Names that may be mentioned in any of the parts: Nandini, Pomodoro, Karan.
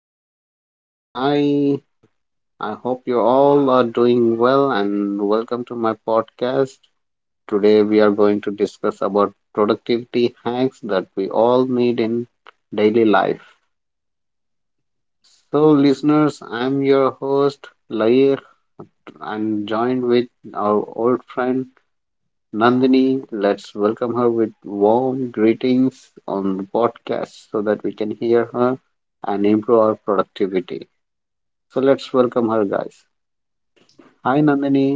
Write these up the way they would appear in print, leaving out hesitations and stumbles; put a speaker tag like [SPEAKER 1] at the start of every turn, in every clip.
[SPEAKER 1] Hello, listeners. Hi. I hope you all are doing well and welcome to my podcast. Today we are going to discuss about productivity hacks that we all need in daily life. So, listeners, I'm your host Lair and joined with our old friend Nandini. Let's welcome her with warm greetings on the podcast so that we can hear her and improve our productivity. So, let's welcome her, guys. Hi Nandini,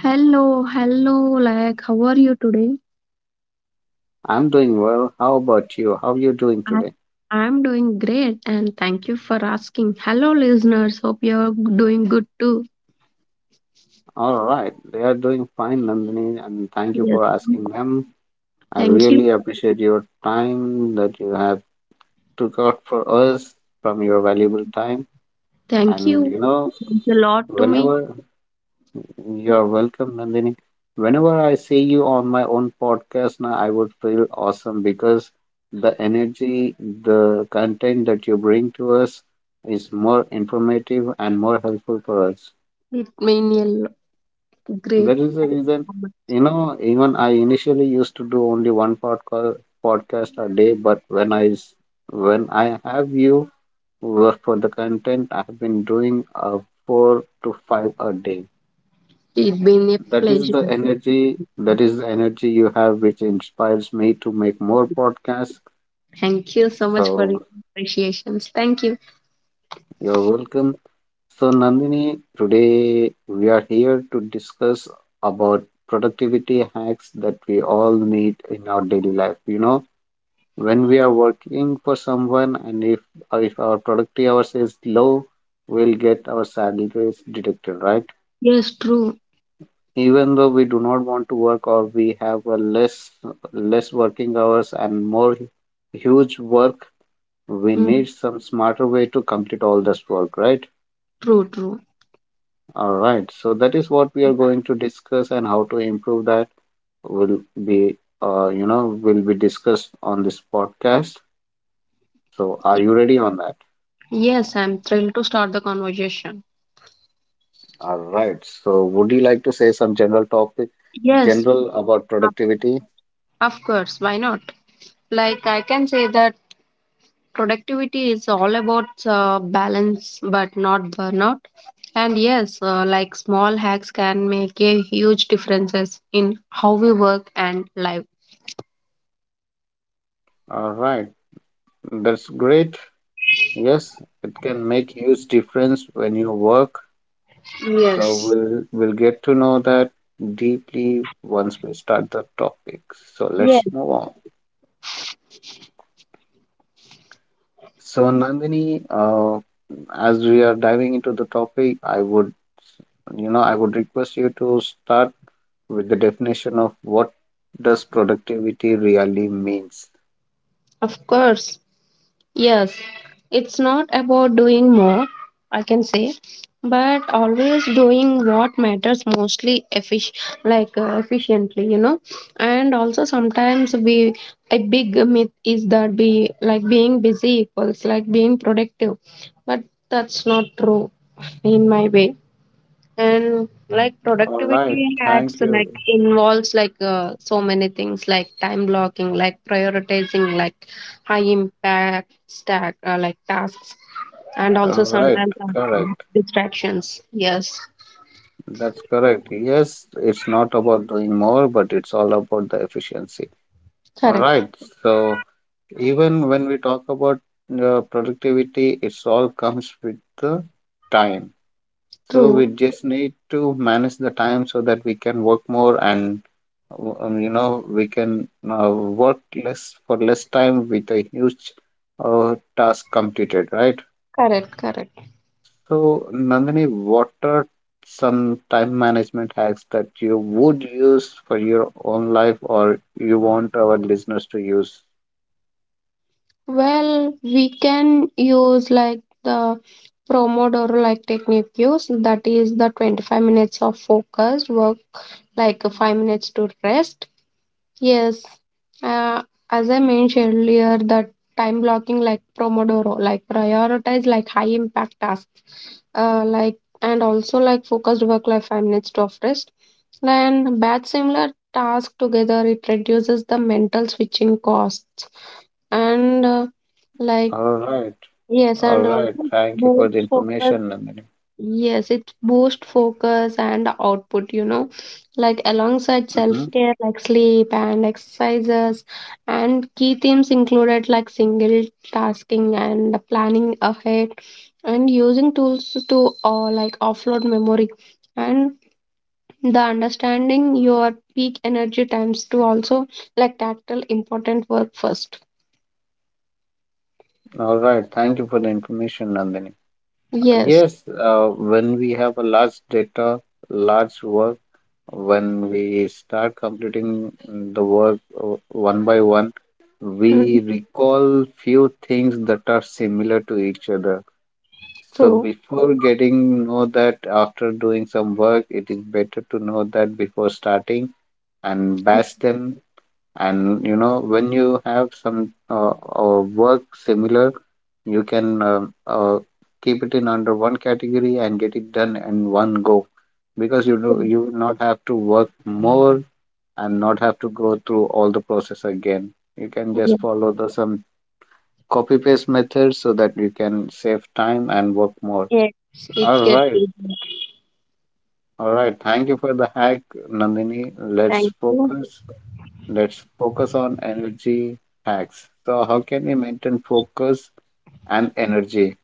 [SPEAKER 2] Hello, hello, like how are you today?
[SPEAKER 1] I'm doing well. How about you? How are you doing
[SPEAKER 2] I
[SPEAKER 1] today?
[SPEAKER 2] I'm doing great and thank you for asking. Hello, listeners. Hope you're doing good too.
[SPEAKER 1] All right, they are doing fine, Nandini, and thank you
[SPEAKER 2] Yes.
[SPEAKER 1] for asking them. I
[SPEAKER 2] Thank you.
[SPEAKER 1] really appreciate your time that you have took out for us from your valuable time.
[SPEAKER 2] Thank
[SPEAKER 1] And
[SPEAKER 2] you.
[SPEAKER 1] you know,
[SPEAKER 2] It's a lot to me.
[SPEAKER 1] whenever you're welcome, Nandini, whenever I see you on my own podcast, now I would feel awesome because the energy, the content that you bring to us is more informative and more helpful for us.
[SPEAKER 2] It mean a lo-
[SPEAKER 1] That
[SPEAKER 2] Great.
[SPEAKER 1] is the reason,
[SPEAKER 2] Moment.
[SPEAKER 1] even I initially used to do only one podcast a day, but when I have you work for the content, I have been doing four to five a day.
[SPEAKER 2] It's been a
[SPEAKER 1] That is the
[SPEAKER 2] pleasure.
[SPEAKER 1] energy. That is the energy you have, which inspires me to make more podcasts.
[SPEAKER 2] Thank you so much for
[SPEAKER 1] So
[SPEAKER 2] your appreciations. Thank you.
[SPEAKER 1] you're welcome. So Nandini, today we are here to discuss about productivity hacks that we all need in our daily life. You know when we are working for someone, and if our productive hours is low, we'll get our salaries deducted, right?
[SPEAKER 2] Yes, true.
[SPEAKER 1] Even though we do not want to work, or we have a less working hours and more huge work, we
[SPEAKER 2] Mm,
[SPEAKER 1] need some smarter way to complete all this work, right?
[SPEAKER 2] true, true.
[SPEAKER 1] All right, so that is what we are going to discuss, and how to improve that will be will be discussed on this podcast. So are
[SPEAKER 2] Ye-
[SPEAKER 1] you ready on that?
[SPEAKER 2] Yes, I'm thrilled to start the conversation.
[SPEAKER 1] All right. So, would you like to say some general topic,
[SPEAKER 2] Yes,
[SPEAKER 1] general about
[SPEAKER 2] of
[SPEAKER 1] productivity?
[SPEAKER 2] of course. Why not? Like I can say that productivity is all about balance but not burnout, and yes, like small hacks can make a huge differences in how we work and live.
[SPEAKER 1] All right. That's great. Yes, it can make huge difference when you work. So
[SPEAKER 2] Yes.
[SPEAKER 1] we'll get to know that deeply once we start the topic. So
[SPEAKER 2] Yes,
[SPEAKER 1] let's move on. So Nandini, as we are diving into the topic, I would request you to start with the definition of what does productivity really means.
[SPEAKER 2] of course. Yes, it's not about doing more, I can say, but always doing what matters mostly like efficiently, you know. And also sometimes we a big myth is that be like being busy equals like being productive, but that's not true in my way. And like
[SPEAKER 1] All right,
[SPEAKER 2] productivity hacks
[SPEAKER 1] thank
[SPEAKER 2] like
[SPEAKER 1] you.
[SPEAKER 2] involves like so many things like time blocking, like prioritizing like high impact stack like tasks, and
[SPEAKER 1] All
[SPEAKER 2] also
[SPEAKER 1] right,
[SPEAKER 2] sometimes
[SPEAKER 1] correct.
[SPEAKER 2] distractions. Yes.
[SPEAKER 1] That's correct. Yes, it's not about doing more, but it's all about the efficiency. All
[SPEAKER 2] Correct.
[SPEAKER 1] right, so even when we talk about productivity, it's all comes with the time. So we
[SPEAKER 2] True.
[SPEAKER 1] just need to manage the time so that we can work more, and we can work less for less time with a huge task completed, right?
[SPEAKER 2] Correct. Correct.
[SPEAKER 1] So, Nandini, what are some time management hacks that you would use for your own life, or you want our listeners to use?
[SPEAKER 2] Well, we can use like the Pomodoro like technique use that is the 25 minutes of focused work, like 5 minutes to rest. Yes, uh, as I mentioned earlier, that time blocking like Pomodoro, like prioritize like high impact tasks, like, and also like focused work like 5 minutes to of rest. Then batch similar task together, it reduces the mental switching costs, and like
[SPEAKER 1] All right.
[SPEAKER 2] yes,
[SPEAKER 1] All
[SPEAKER 2] and
[SPEAKER 1] right.
[SPEAKER 2] also
[SPEAKER 1] Thank you
[SPEAKER 2] both
[SPEAKER 1] for the
[SPEAKER 2] focus.
[SPEAKER 1] information, Nandini.
[SPEAKER 2] Yes, it boosts focus and output, like alongside self
[SPEAKER 1] Mhm.
[SPEAKER 2] care, like sleep and exercises. And key themes included like single tasking and planning ahead, and using tools to like offload memory, and the understanding your peak energy times to also like tackle important work first.
[SPEAKER 1] All right. Thank you for the information, Nandini.
[SPEAKER 2] Yes,
[SPEAKER 1] Yes, when we have a large data, large work, when we start completing the work one by one, we
[SPEAKER 2] mm,
[SPEAKER 1] recall few things that are similar to each other. So
[SPEAKER 2] true.
[SPEAKER 1] before getting know that after doing some work, it is better to know that before starting and batch them. And when you have some work similar, you can keep it in under one category and get it done in one go, because you will not have to work more and not have to go through all the process again. You can just follow the some copy paste method so that you can save time and work more.
[SPEAKER 2] Yes, it
[SPEAKER 1] All
[SPEAKER 2] gets
[SPEAKER 1] right.
[SPEAKER 2] easier.
[SPEAKER 1] All right, thank you for the hack, Nandini.
[SPEAKER 2] Thank you.
[SPEAKER 1] Let's focus on energy hacks. So, how can we maintain focus and energy?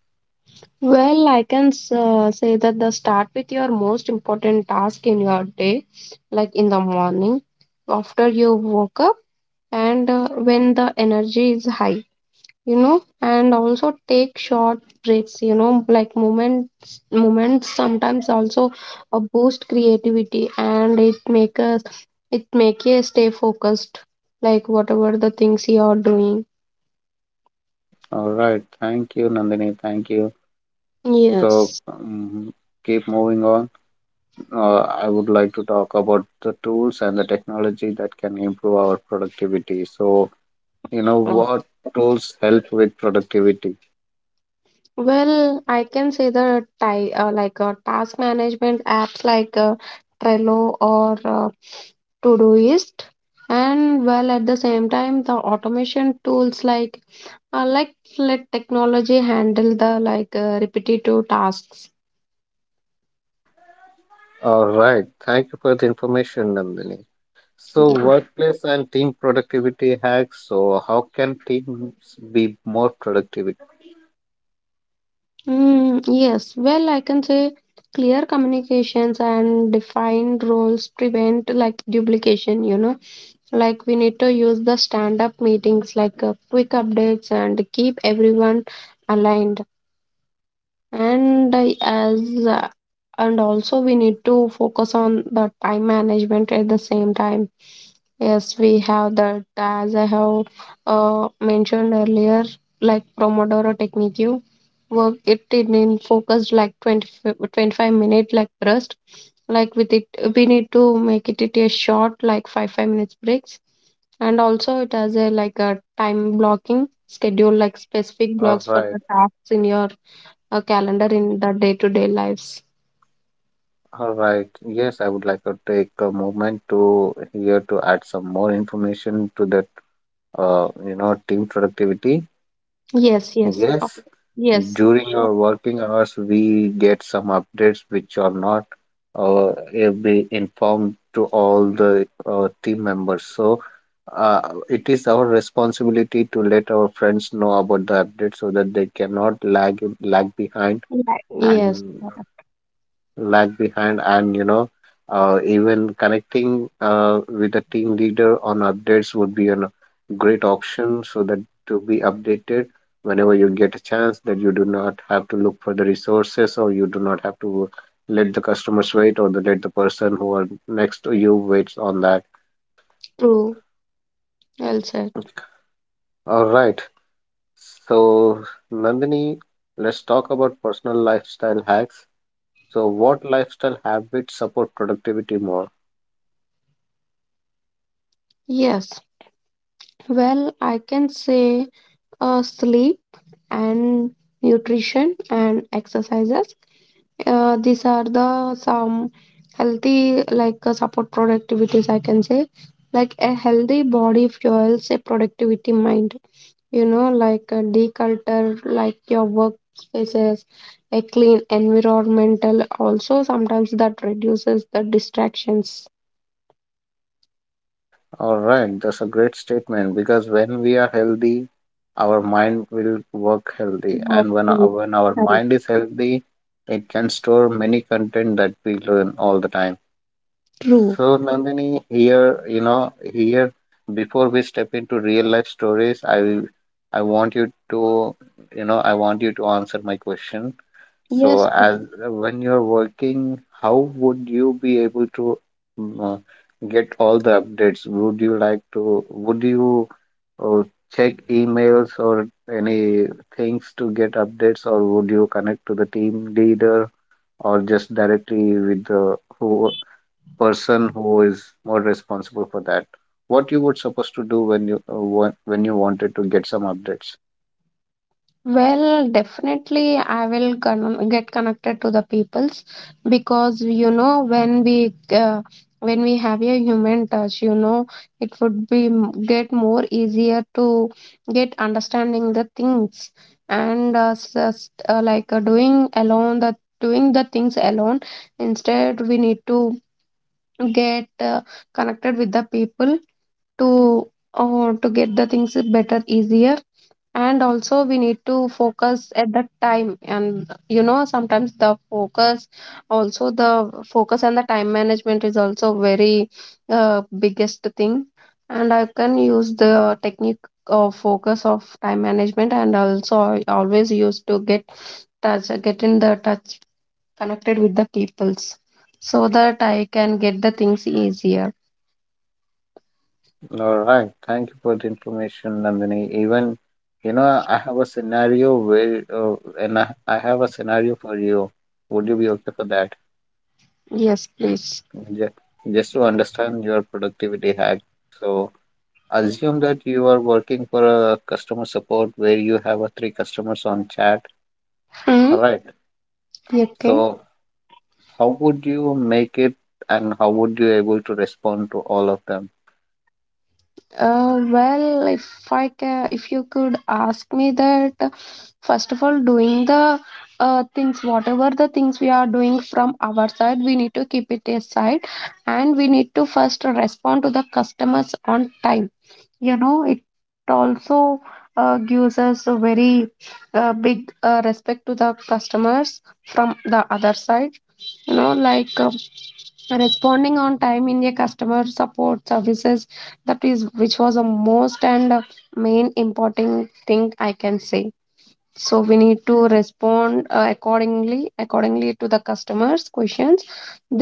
[SPEAKER 2] Well, say that the start with your most important task in your day, like in the morning, after you woke up, and when the energy is high, and also take short breaks, like moments sometimes also boost creativity, and it make you stay focused, like whatever the things you are doing.
[SPEAKER 1] All right, thank you, Nandini. Thank you. So,
[SPEAKER 2] Yes.
[SPEAKER 1] keep moving on. I would like to talk about the tools and the technology that can improve our productivity. So, you know what tools help with productivity?
[SPEAKER 2] Well, I can say the ti like task management apps like Trello or Todoist, and well, at the same time the automation tools like let technology handle the like repetitive tasks.
[SPEAKER 1] All right, thank you for the information, Nandini. So,
[SPEAKER 2] Yeah.
[SPEAKER 1] workplace and team productivity hacks. So, how can teams be more productive?
[SPEAKER 2] Mm, yes, well, I can say clear communications and defined roles prevent like duplication. Like we need to use the stand-up meetings like quick updates and keep everyone aligned, and as uh, and also we need to focus on the time management at the same time. Yes, we have that, as I have mentioned earlier, like Pomodoro technique you work it in focused like 20 25 minute like burst, like with it we need to make it a short like 5 minutes breaks, and also it has a like a time blocking schedule, like specific
[SPEAKER 1] All
[SPEAKER 2] blocks for
[SPEAKER 1] right,
[SPEAKER 2] the tasks in your a calendar in the day-to-day lives.
[SPEAKER 1] all right. Yes, I would like to take a moment to here to add some more information to that. Team productivity.
[SPEAKER 2] Yes, yes,
[SPEAKER 1] Yes,
[SPEAKER 2] yes,
[SPEAKER 1] during
[SPEAKER 2] sure.
[SPEAKER 1] our working hours, we get some updates which are not be informed to all the team members. So it is our responsibility to let our friends know about the update so that they cannot lag behind
[SPEAKER 2] Yeah, yes,
[SPEAKER 1] and lag behind and even connecting with the team leader on updates would be a great option, so that to be updated whenever you get a chance, that you do not have to look for the resources, or you do not have to let the customers wait, let the person who are next to you waits on that.
[SPEAKER 2] true. Well said.
[SPEAKER 1] All right, so Nandini, let's talk about personal lifestyle hacks. So what lifestyle habits support productivity more?
[SPEAKER 2] Yes. Well, I can say sleep and nutrition and exercises. These are the some healthy like support productivities. I can say like a healthy body fuels a productivity mind. Like a declutter, like your workspaces, a clean environmental. Also, sometimes that reduces the distractions.
[SPEAKER 1] All right, that's a great statement, because when we are healthy, our mind will work healthy, and when
[SPEAKER 2] Okay,
[SPEAKER 1] our, when our
[SPEAKER 2] correct.
[SPEAKER 1] mind is healthy, it can store many content that we learn all the time.
[SPEAKER 2] True.
[SPEAKER 1] So, Nandini, here, you know, here before we step into real life stories, I want you to, you know, I want you to answer my question. So,
[SPEAKER 2] Yes.
[SPEAKER 1] as when you're working, how would you be able to mm, get all the updates? Would you uh, check emails or any things to get updates, or would you connect to the team leader, or just directly with the who person who is more responsible for that? What you would supposed to do when you wanted to get some updates?
[SPEAKER 2] Well, definitely, I will get connected to the peoples, because when we have a human touch, it would be get more easier to get understanding the things, and just like doing the things alone. Instead, we need to get connected with the people to to get the things better easier, and also we need to focus at that time, and sometimes the focus, also the focus and the time management is also very biggest thing. And I can use the technique of focus of time management, and also I always used to get touch get in the touch connected with the peoples so that I can get the things easier.
[SPEAKER 1] All right, thank you for the information, Nandini. Even I have a scenario and I have a scenario for you. Would you be okay for that?
[SPEAKER 2] Yes, please.
[SPEAKER 1] Ju- Just to understand your productivity hack. So, assume that you are working for a customer support where you have a three customers on chat.
[SPEAKER 2] Hmm.
[SPEAKER 1] All right.
[SPEAKER 2] Okay.
[SPEAKER 1] So, how would you make it, and how would you able to respond to all of them?
[SPEAKER 2] Well, if I ca if you could ask me that, first of all, doing the things, whatever the things we are doing from our side, we need to keep it aside, and we need to first respond to the customers on time. It also gives us a very big respect to the customers from the other side. Like responding on time in a customer support services, that is which was the most and main important thing I can say. So we need to respond accordingly to the customers questions,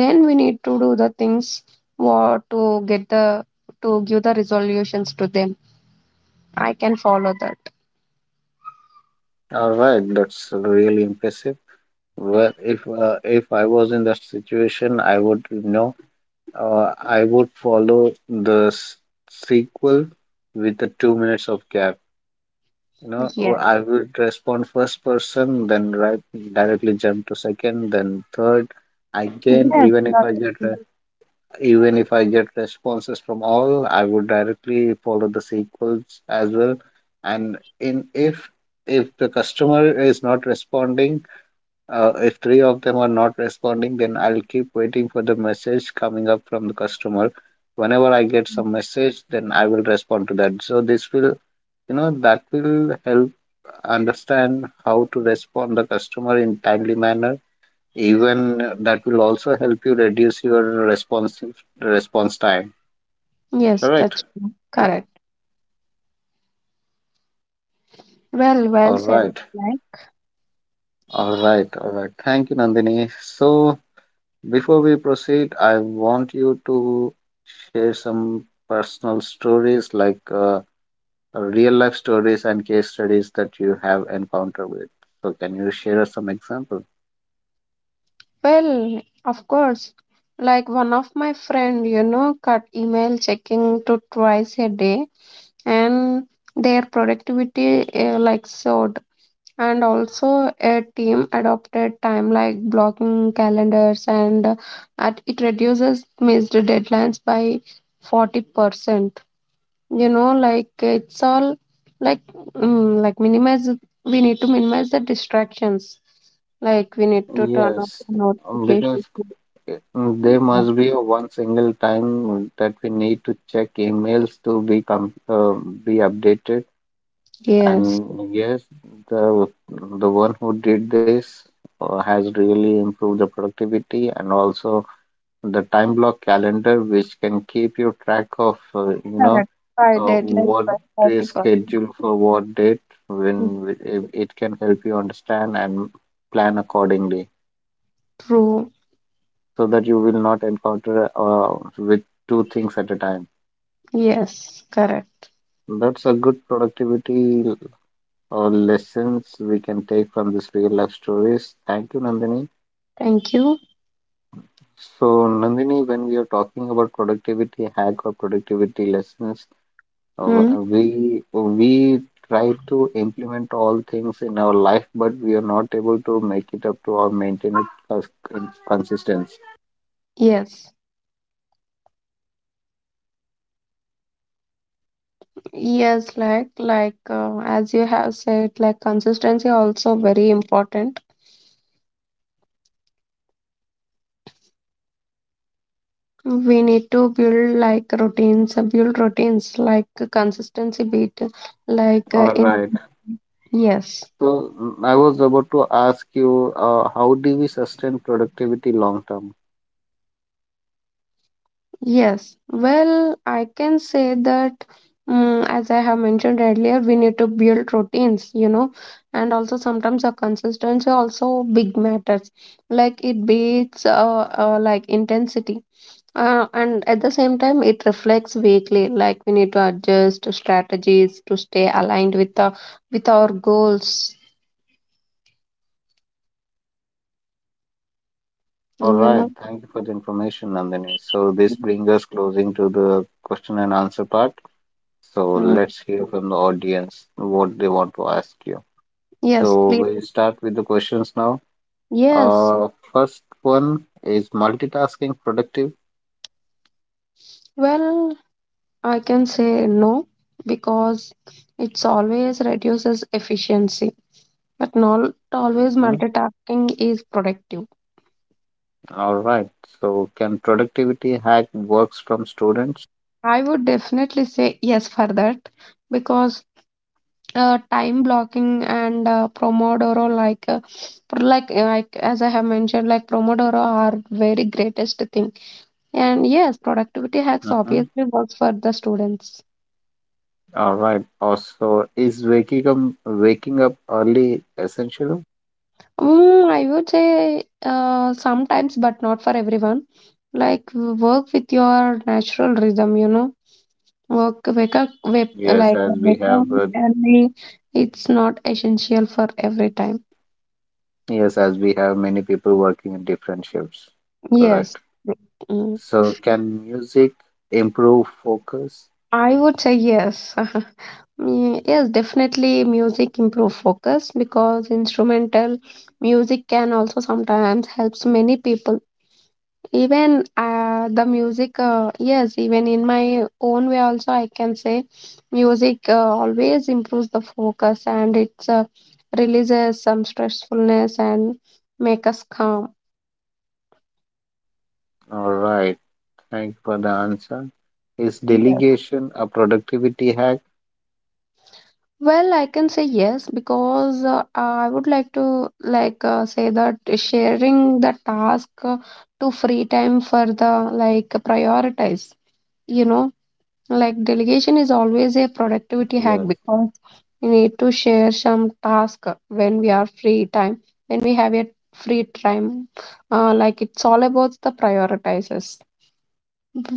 [SPEAKER 2] then we need to do the things what to get the to give the resolutions to them, I can follow that.
[SPEAKER 1] All right, that's really impressive. Well, if I was in that situation, uh, I would follow the sequel with the 2 minutes of gap. You know,
[SPEAKER 2] Yeah.
[SPEAKER 1] or I would respond first person, then right directly jump to second, then third. Again,
[SPEAKER 2] Yes, that's true.
[SPEAKER 1] even if I get responses from all, I would directly follow the sequels as well. And in if the customer is not responding, if three of them are not responding, then I'll keep waiting for the message coming up from the customer. Whenever I get some message, then I will respond to that. So this will, you know, that will help understand how to respond the customer in timely manner. Even that will also help you reduce your response time.
[SPEAKER 2] Yes,
[SPEAKER 1] Correct.
[SPEAKER 2] that's true. Correct. Well
[SPEAKER 1] All
[SPEAKER 2] said.
[SPEAKER 1] right. All right. All right. Thank you, Nandini. So, before we proceed, I want you to share some personal stories, like real life stories and case studies that you have encountered with. So, can you share us some example?
[SPEAKER 2] Well, of course. Like one of my friend, cut email checking to twice a day, and their productivity like soared. And also a team adopted time like blocking calendars, and at it reduces missed deadlines by 40%. Like it's all like like minimize we need to minimize the distractions, like we need to turn off
[SPEAKER 1] Yes,
[SPEAKER 2] the
[SPEAKER 1] because
[SPEAKER 2] notifications.
[SPEAKER 1] there must be a one single time that we need to check emails to be com be updated.
[SPEAKER 2] Yes,
[SPEAKER 1] And yes, the the one who did this has really improved the productivity, and also the time block calendar, which can keep you track of
[SPEAKER 2] correct. By deadline
[SPEAKER 1] what
[SPEAKER 2] by
[SPEAKER 1] is
[SPEAKER 2] 40
[SPEAKER 1] scheduled for what date,
[SPEAKER 2] percent
[SPEAKER 1] when it can help you understand and plan accordingly,
[SPEAKER 2] True.
[SPEAKER 1] so that you will not encounter with two things at a time.
[SPEAKER 2] Yes, correct.
[SPEAKER 1] That's a good productivity or lessons we can take from this real life stories. Thank you, Nandini.
[SPEAKER 2] Thank you.
[SPEAKER 1] So Nandini, when we are talking about productivity hack or productivity lessons, Uh,
[SPEAKER 2] Mm.
[SPEAKER 1] we try to implement all things in our life, but we are not able to make it up to or maintain it as consistency.
[SPEAKER 2] Yes, yes, as you have said, like consistency also very important, we need to build like routines, build routines, like consistency bit, like
[SPEAKER 1] All
[SPEAKER 2] in.
[SPEAKER 1] right.
[SPEAKER 2] Yes,
[SPEAKER 1] So I was about to ask you, how do we sustain productivity long term?
[SPEAKER 2] yes. Well, I can say that, as I have mentioned earlier, we need to build routines, and also sometimes the consistency also big matters. Like it beats like intensity. And at the same time, it reflects weekly. Like we need to adjust strategies to stay aligned with our goals.
[SPEAKER 1] Right. All
[SPEAKER 2] You
[SPEAKER 1] right.
[SPEAKER 2] know.
[SPEAKER 1] Thank you for the information, Nandini. So this brings us closing to the question and answer part. So
[SPEAKER 2] Mm,
[SPEAKER 1] let's hear from the audience what they want to ask you.
[SPEAKER 2] yes,
[SPEAKER 1] So
[SPEAKER 2] please.
[SPEAKER 1] we'll start with the questions now.
[SPEAKER 2] Yes.
[SPEAKER 1] Uh, First one is multitasking productive.
[SPEAKER 2] Well, I can say no, because it's always reduces efficiency, but not always
[SPEAKER 1] Mhm.
[SPEAKER 2] multitasking is productive.
[SPEAKER 1] All right. So can productivity hack works from students?
[SPEAKER 2] I would definitely say yes for that, because time blocking and Pomodoro, like like as I have mentioned, like Pomodoro are very greatest thing, and yes, productivity hacks
[SPEAKER 1] Mhm.
[SPEAKER 2] obviously works for the students.
[SPEAKER 1] All right. Also, is waking up early essential?
[SPEAKER 2] I would say sometimes but not for everyone, like work with your natural rhythm work
[SPEAKER 1] Yes,
[SPEAKER 2] like
[SPEAKER 1] as we
[SPEAKER 2] wake up
[SPEAKER 1] have
[SPEAKER 2] early, it's not essential for every time.
[SPEAKER 1] yes, as we have many people working in different shifts.
[SPEAKER 2] Yes.
[SPEAKER 1] Correct.
[SPEAKER 2] Mm.
[SPEAKER 1] So can music improve focus?
[SPEAKER 2] I would say yes. Yes, definitely music improve focus, because instrumental music can also sometimes helps many people. Even the music, yes, even in my own way also I can say music always improves the focus, and it's releases some stressfulness, and make us calm.
[SPEAKER 1] All right. Thank you for the answer. Is
[SPEAKER 2] Yes.
[SPEAKER 1] delegation a productivity hack?
[SPEAKER 2] Well, I can say yes, because I would like to like say that sharing the task to free time for the like prioritize, you know, like delegation is always a productivity hack,
[SPEAKER 1] Yes.
[SPEAKER 2] because we need to share some task when we have a free time. Like it's all about the prioritizes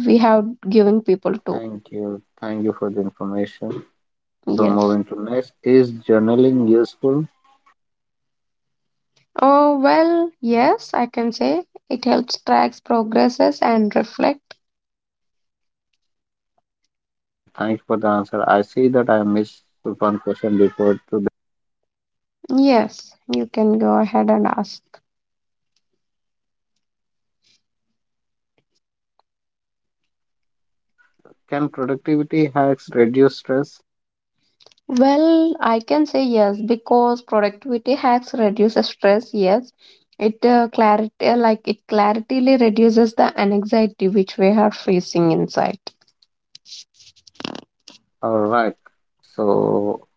[SPEAKER 2] we have given people to.
[SPEAKER 1] Thank you. Thank you for the information. So
[SPEAKER 2] Yes.
[SPEAKER 1] moving to next, is journaling useful?
[SPEAKER 2] Oh, well, yes, I can say it helps tracks progresses and reflect.
[SPEAKER 1] All right. Thanks for the answer. I see that I missed one question before. To
[SPEAKER 2] Yes, you can go ahead and ask.
[SPEAKER 1] Can productivity hacks reduce stress?
[SPEAKER 2] Well, I can say yes, because productivity hacks reduces stress. Yes, it clarity like it clarity reduces the anxiety which we are facing inside.
[SPEAKER 1] All right. So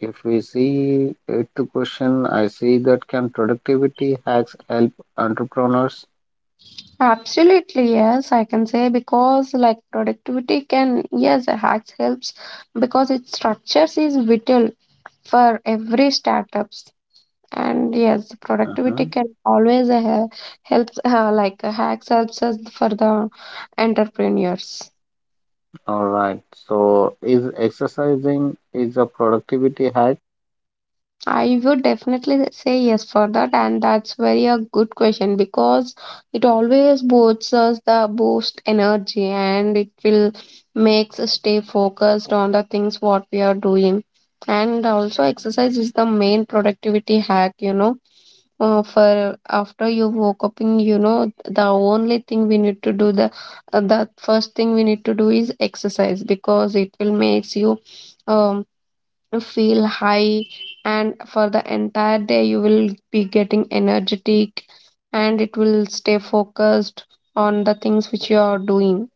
[SPEAKER 1] if we see it to question, I see that can productivity hacks help entrepreneurs?
[SPEAKER 2] Absolutely, yes, I can say, because like productivity can yes, hacks helps, because its structures is vital for every startups, and yes, productivity
[SPEAKER 1] Mhm.
[SPEAKER 2] can always helps hacks helps us for the entrepreneurs.
[SPEAKER 1] All right. So is exercising is a productivity hack?
[SPEAKER 2] I would definitely say yes for that, and that's very a good question, because it always boosts us the boost energy, and it will makes us stay focused on the things what we are doing. And also exercise is the main productivity hack, for after you woke up in you know the only thing we need to do the first thing we need to do is exercise, because it will makes you um feel high, and for the entire day you will be getting energetic, and it will stay focused on the things which you are doing.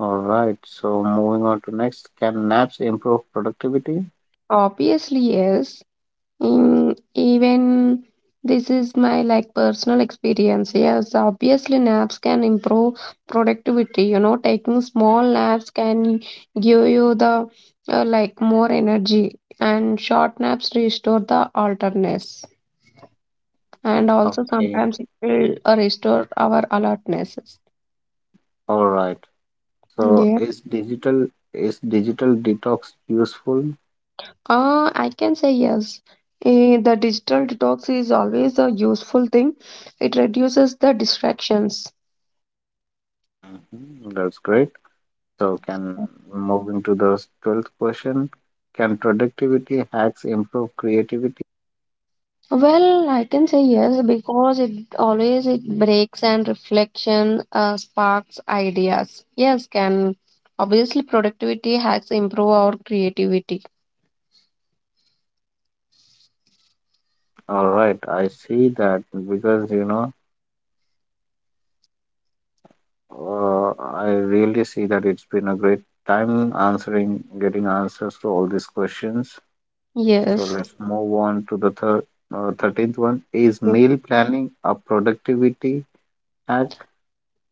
[SPEAKER 1] All right, so moving on to next, can naps improve productivity?
[SPEAKER 2] Obviously yes. Even this is my like personal experience. Yes, obviously naps can improve productivity. Taking small naps can give you the like more energy, and short naps restore the alertness, and also
[SPEAKER 1] Okay.
[SPEAKER 2] sometimes it will restore our alertnesses.
[SPEAKER 1] All right. So
[SPEAKER 2] Yeah.
[SPEAKER 1] is digital is digital detox useful?
[SPEAKER 2] I can say yes. The digital detox is always a useful thing. It reduces the distractions.
[SPEAKER 1] Hmm, that's great. So can moving to the 12th question, can productivity hacks improve creativity?
[SPEAKER 2] Well, I can say yes, because it breaks and reflection sparks ideas. Yes, can obviously productivity has improve our creativity.
[SPEAKER 1] All right, I see that because uh, I really see that it's been a great time answering, getting answers to all these questions. So
[SPEAKER 2] Yes.
[SPEAKER 1] let's move on to the third, 13th one is
[SPEAKER 2] Mm.
[SPEAKER 1] meal planning a productivity hack.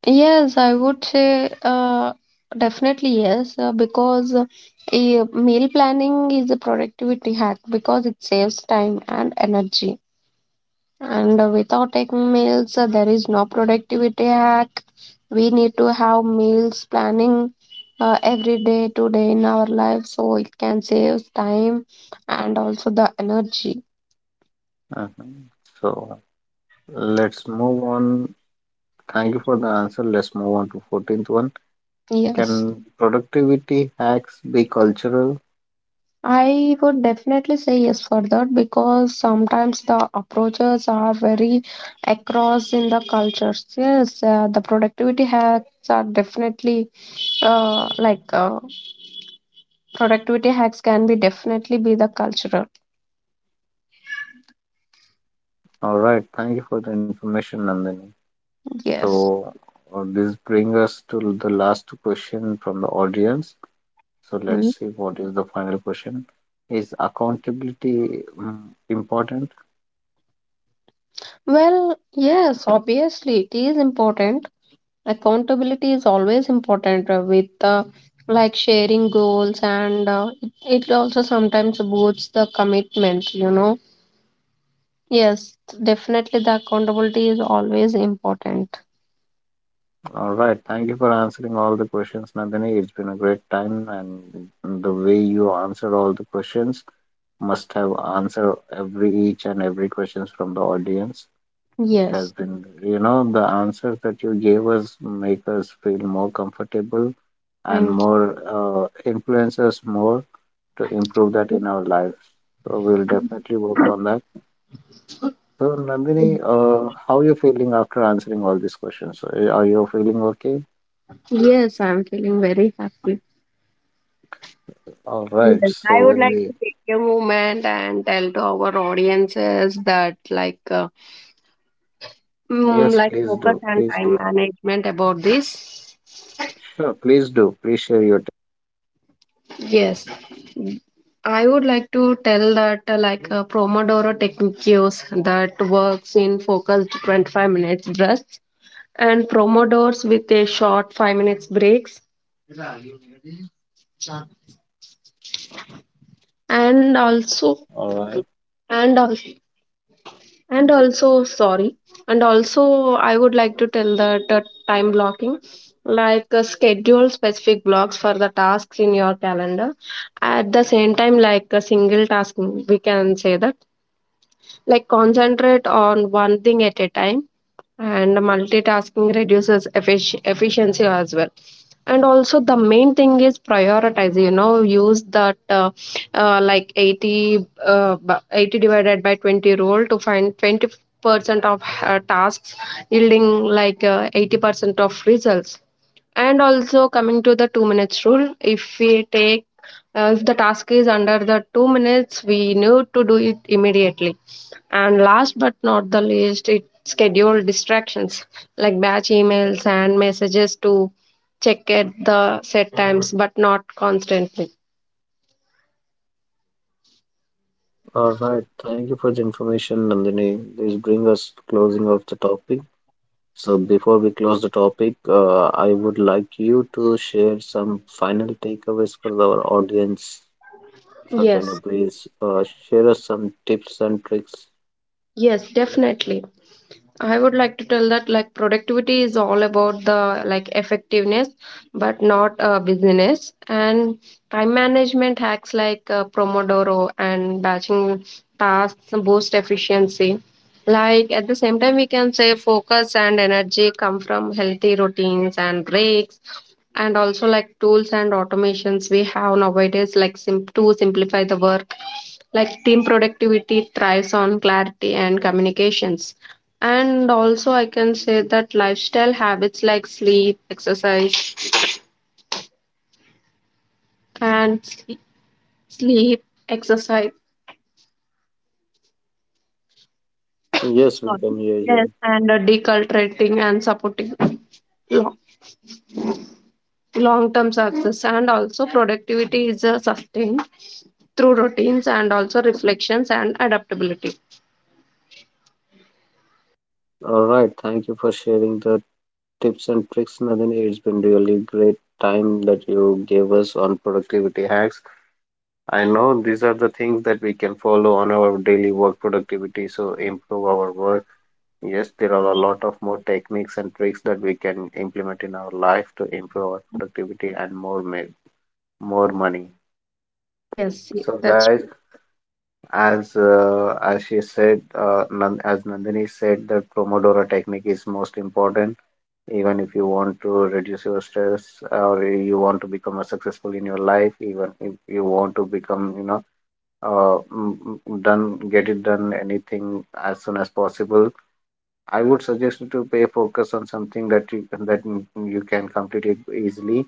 [SPEAKER 2] Yes, I would say definitely yes, because a meal planning is a productivity hack, because it saves time and energy. And without taking meals, there is no productivity hack. We need to have meals planning every day today in our life, so it can save time and also the energy.
[SPEAKER 1] Uh-huh. So let's move on. Thank you for the answer. Let's move on to 14th one.
[SPEAKER 2] Yes,
[SPEAKER 1] Can productivity hacks be cultural?
[SPEAKER 2] I would definitely say yes for that, because sometimes the approaches are very across in the cultures. Yes, the productivity hacks are definitely uh, like uh, productivity hacks can be definitely be the cultural.
[SPEAKER 1] All right. Thank you for the information, Nandini.
[SPEAKER 2] Yes.
[SPEAKER 1] So this brings us to the last question from the audience. So
[SPEAKER 2] Mm.
[SPEAKER 1] let's see what is the final question. Is accountability, important?
[SPEAKER 2] Well, yes, obviously it is important. Accountability is always important with like sharing goals, and it also sometimes boosts the commitment. Yes, definitely the accountability is always important.
[SPEAKER 1] All right. Thank you for answering all the questions, Nandini. It's been a great time, and the way you answered all the questions must have answered every each and every questions from the audience. It has
[SPEAKER 2] Yes.
[SPEAKER 1] been, you know, the answers that you gave us make us feel more comfortable and
[SPEAKER 2] And
[SPEAKER 1] more influence us more to improve that in our lives. So we'll definitely work on that. So Nandini, how are you feeling after answering all these questions? Are you feeling okay?
[SPEAKER 2] yes, I'm feeling very happy.
[SPEAKER 1] All right.
[SPEAKER 2] Yes, I
[SPEAKER 1] So
[SPEAKER 2] would
[SPEAKER 1] when
[SPEAKER 2] like
[SPEAKER 1] we.
[SPEAKER 2] to take a moment and tell to our audiences that like
[SPEAKER 1] Yes,
[SPEAKER 2] like
[SPEAKER 1] please
[SPEAKER 2] focus
[SPEAKER 1] do.
[SPEAKER 2] and
[SPEAKER 1] Please
[SPEAKER 2] time
[SPEAKER 1] do.
[SPEAKER 2] management about this.
[SPEAKER 1] Sure, please do. Please share your.
[SPEAKER 2] Yes, I would like to tell that like a Pomodoro technique use that works in focused 25 minutes bursts, and Pomodors with a short 5 minutes breaks, and also
[SPEAKER 1] All right.
[SPEAKER 2] and also and also sorry and also I would like to tell that time blocking, like schedule specific blocks for the tasks in your calendar, at the same time like a single task, we can say that like concentrate on one thing at a time, and multitasking reduces efficiency as well. And also the main thing is prioritize, use that like 80 divided by 20 rule, to find 20% of tasks yielding like 80% of results. And also coming to the 2 minutes rule, if we take if the task is under the 2 minutes, we need to do it immediately. And last but not the least, it schedule distractions, like batch emails and messages to check at the set times, but not constantly.
[SPEAKER 1] All right. Thank you for the information, Nandini. This brings us to closing of the topic. So before we close the topic, I would like you to share some final takeaways for our audience. So
[SPEAKER 2] Yes,
[SPEAKER 1] can you please share us some tips and tricks?
[SPEAKER 2] yes, definitely, I would like to tell that like productivity is all about the like effectiveness, but not busyness. And time management hacks like Pomodoro and batching tasks boost efficiency. Like at the same time, we can say focus and energy come from healthy routines and breaks, and also like tools and automations we have nowadays, like to simplify the work. Like team productivity thrives on clarity and communications, and also, I can say that lifestyle habits like sleep, exercise, and sleep exercise,
[SPEAKER 1] Yes, we
[SPEAKER 2] sorry,
[SPEAKER 1] can hear
[SPEAKER 2] yes,
[SPEAKER 1] you.
[SPEAKER 2] and deculturating and supporting long term success. And also, productivity is sustained through routines and also reflections and adaptability.
[SPEAKER 1] All right. Thank you for sharing the tips and tricks, Nandini. It's been really great time that you gave us on productivity hacks. I know these are the things that we can follow on our daily work productivity, so improve our work. Yes, there are a lot of more techniques and tricks that we can implement in our life to improve our productivity and more money.
[SPEAKER 2] Yes,
[SPEAKER 1] So,
[SPEAKER 2] that's
[SPEAKER 1] guys, as she said, as Nandini said, that Pomodoro technique is most important. Even if you want to reduce your stress, or you want to become a successful in your life, even if you want to become, you know, uh, mm, done, get it done anything as soon as possible. I would suggest you to pay focus on something that you you can complete it easily,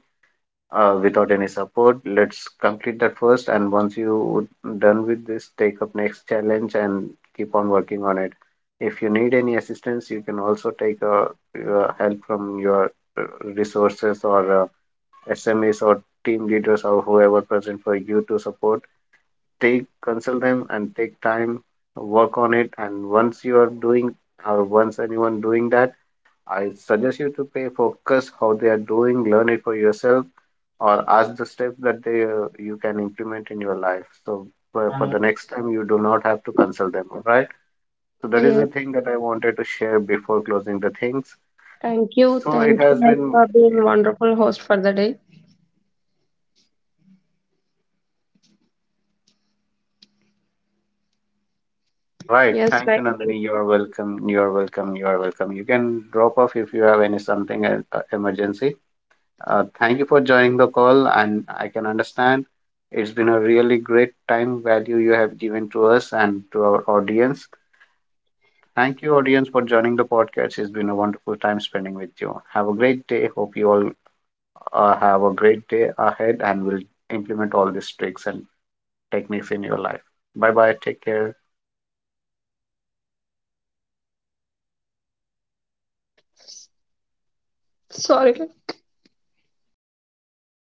[SPEAKER 1] without any support. Let's complete that first, and once you done with this, take up next challenge and keep on working on it. If you need any assistance, you can also take help from your uh, resources or smas or team leaders or whoever present for you to support. Take, consult them and take time, work on it. And once you are doing, or once anyone doing that, I suggest you to pay focus how they are doing, learn it for yourself or ask the steps that they, you can implement in your life. So for the next time you do not have to consult them. All right, so that is
[SPEAKER 2] yes.
[SPEAKER 1] the thing that I wanted to share before closing the things.
[SPEAKER 2] Thank you.
[SPEAKER 1] So it
[SPEAKER 2] Thank you,
[SPEAKER 1] has
[SPEAKER 2] like,
[SPEAKER 1] been,
[SPEAKER 2] for being wonderful host for the day.
[SPEAKER 1] all right.
[SPEAKER 2] Yes,
[SPEAKER 1] Thank you,
[SPEAKER 2] like, thank
[SPEAKER 1] Nandini. You
[SPEAKER 2] you.
[SPEAKER 1] are welcome. You are welcome. You are welcome. You can drop off if you have any something emergency. Thank you for joining the call, and I can understand it's been a really great time value you have given to us and to our audience. Thank you, audience, for joining the podcast. It's been a wonderful time spending with you. Have a great day. Hope you all have a great day ahead and will implement all these tricks and techniques in your life. Bye bye. Take care.
[SPEAKER 2] Sorry.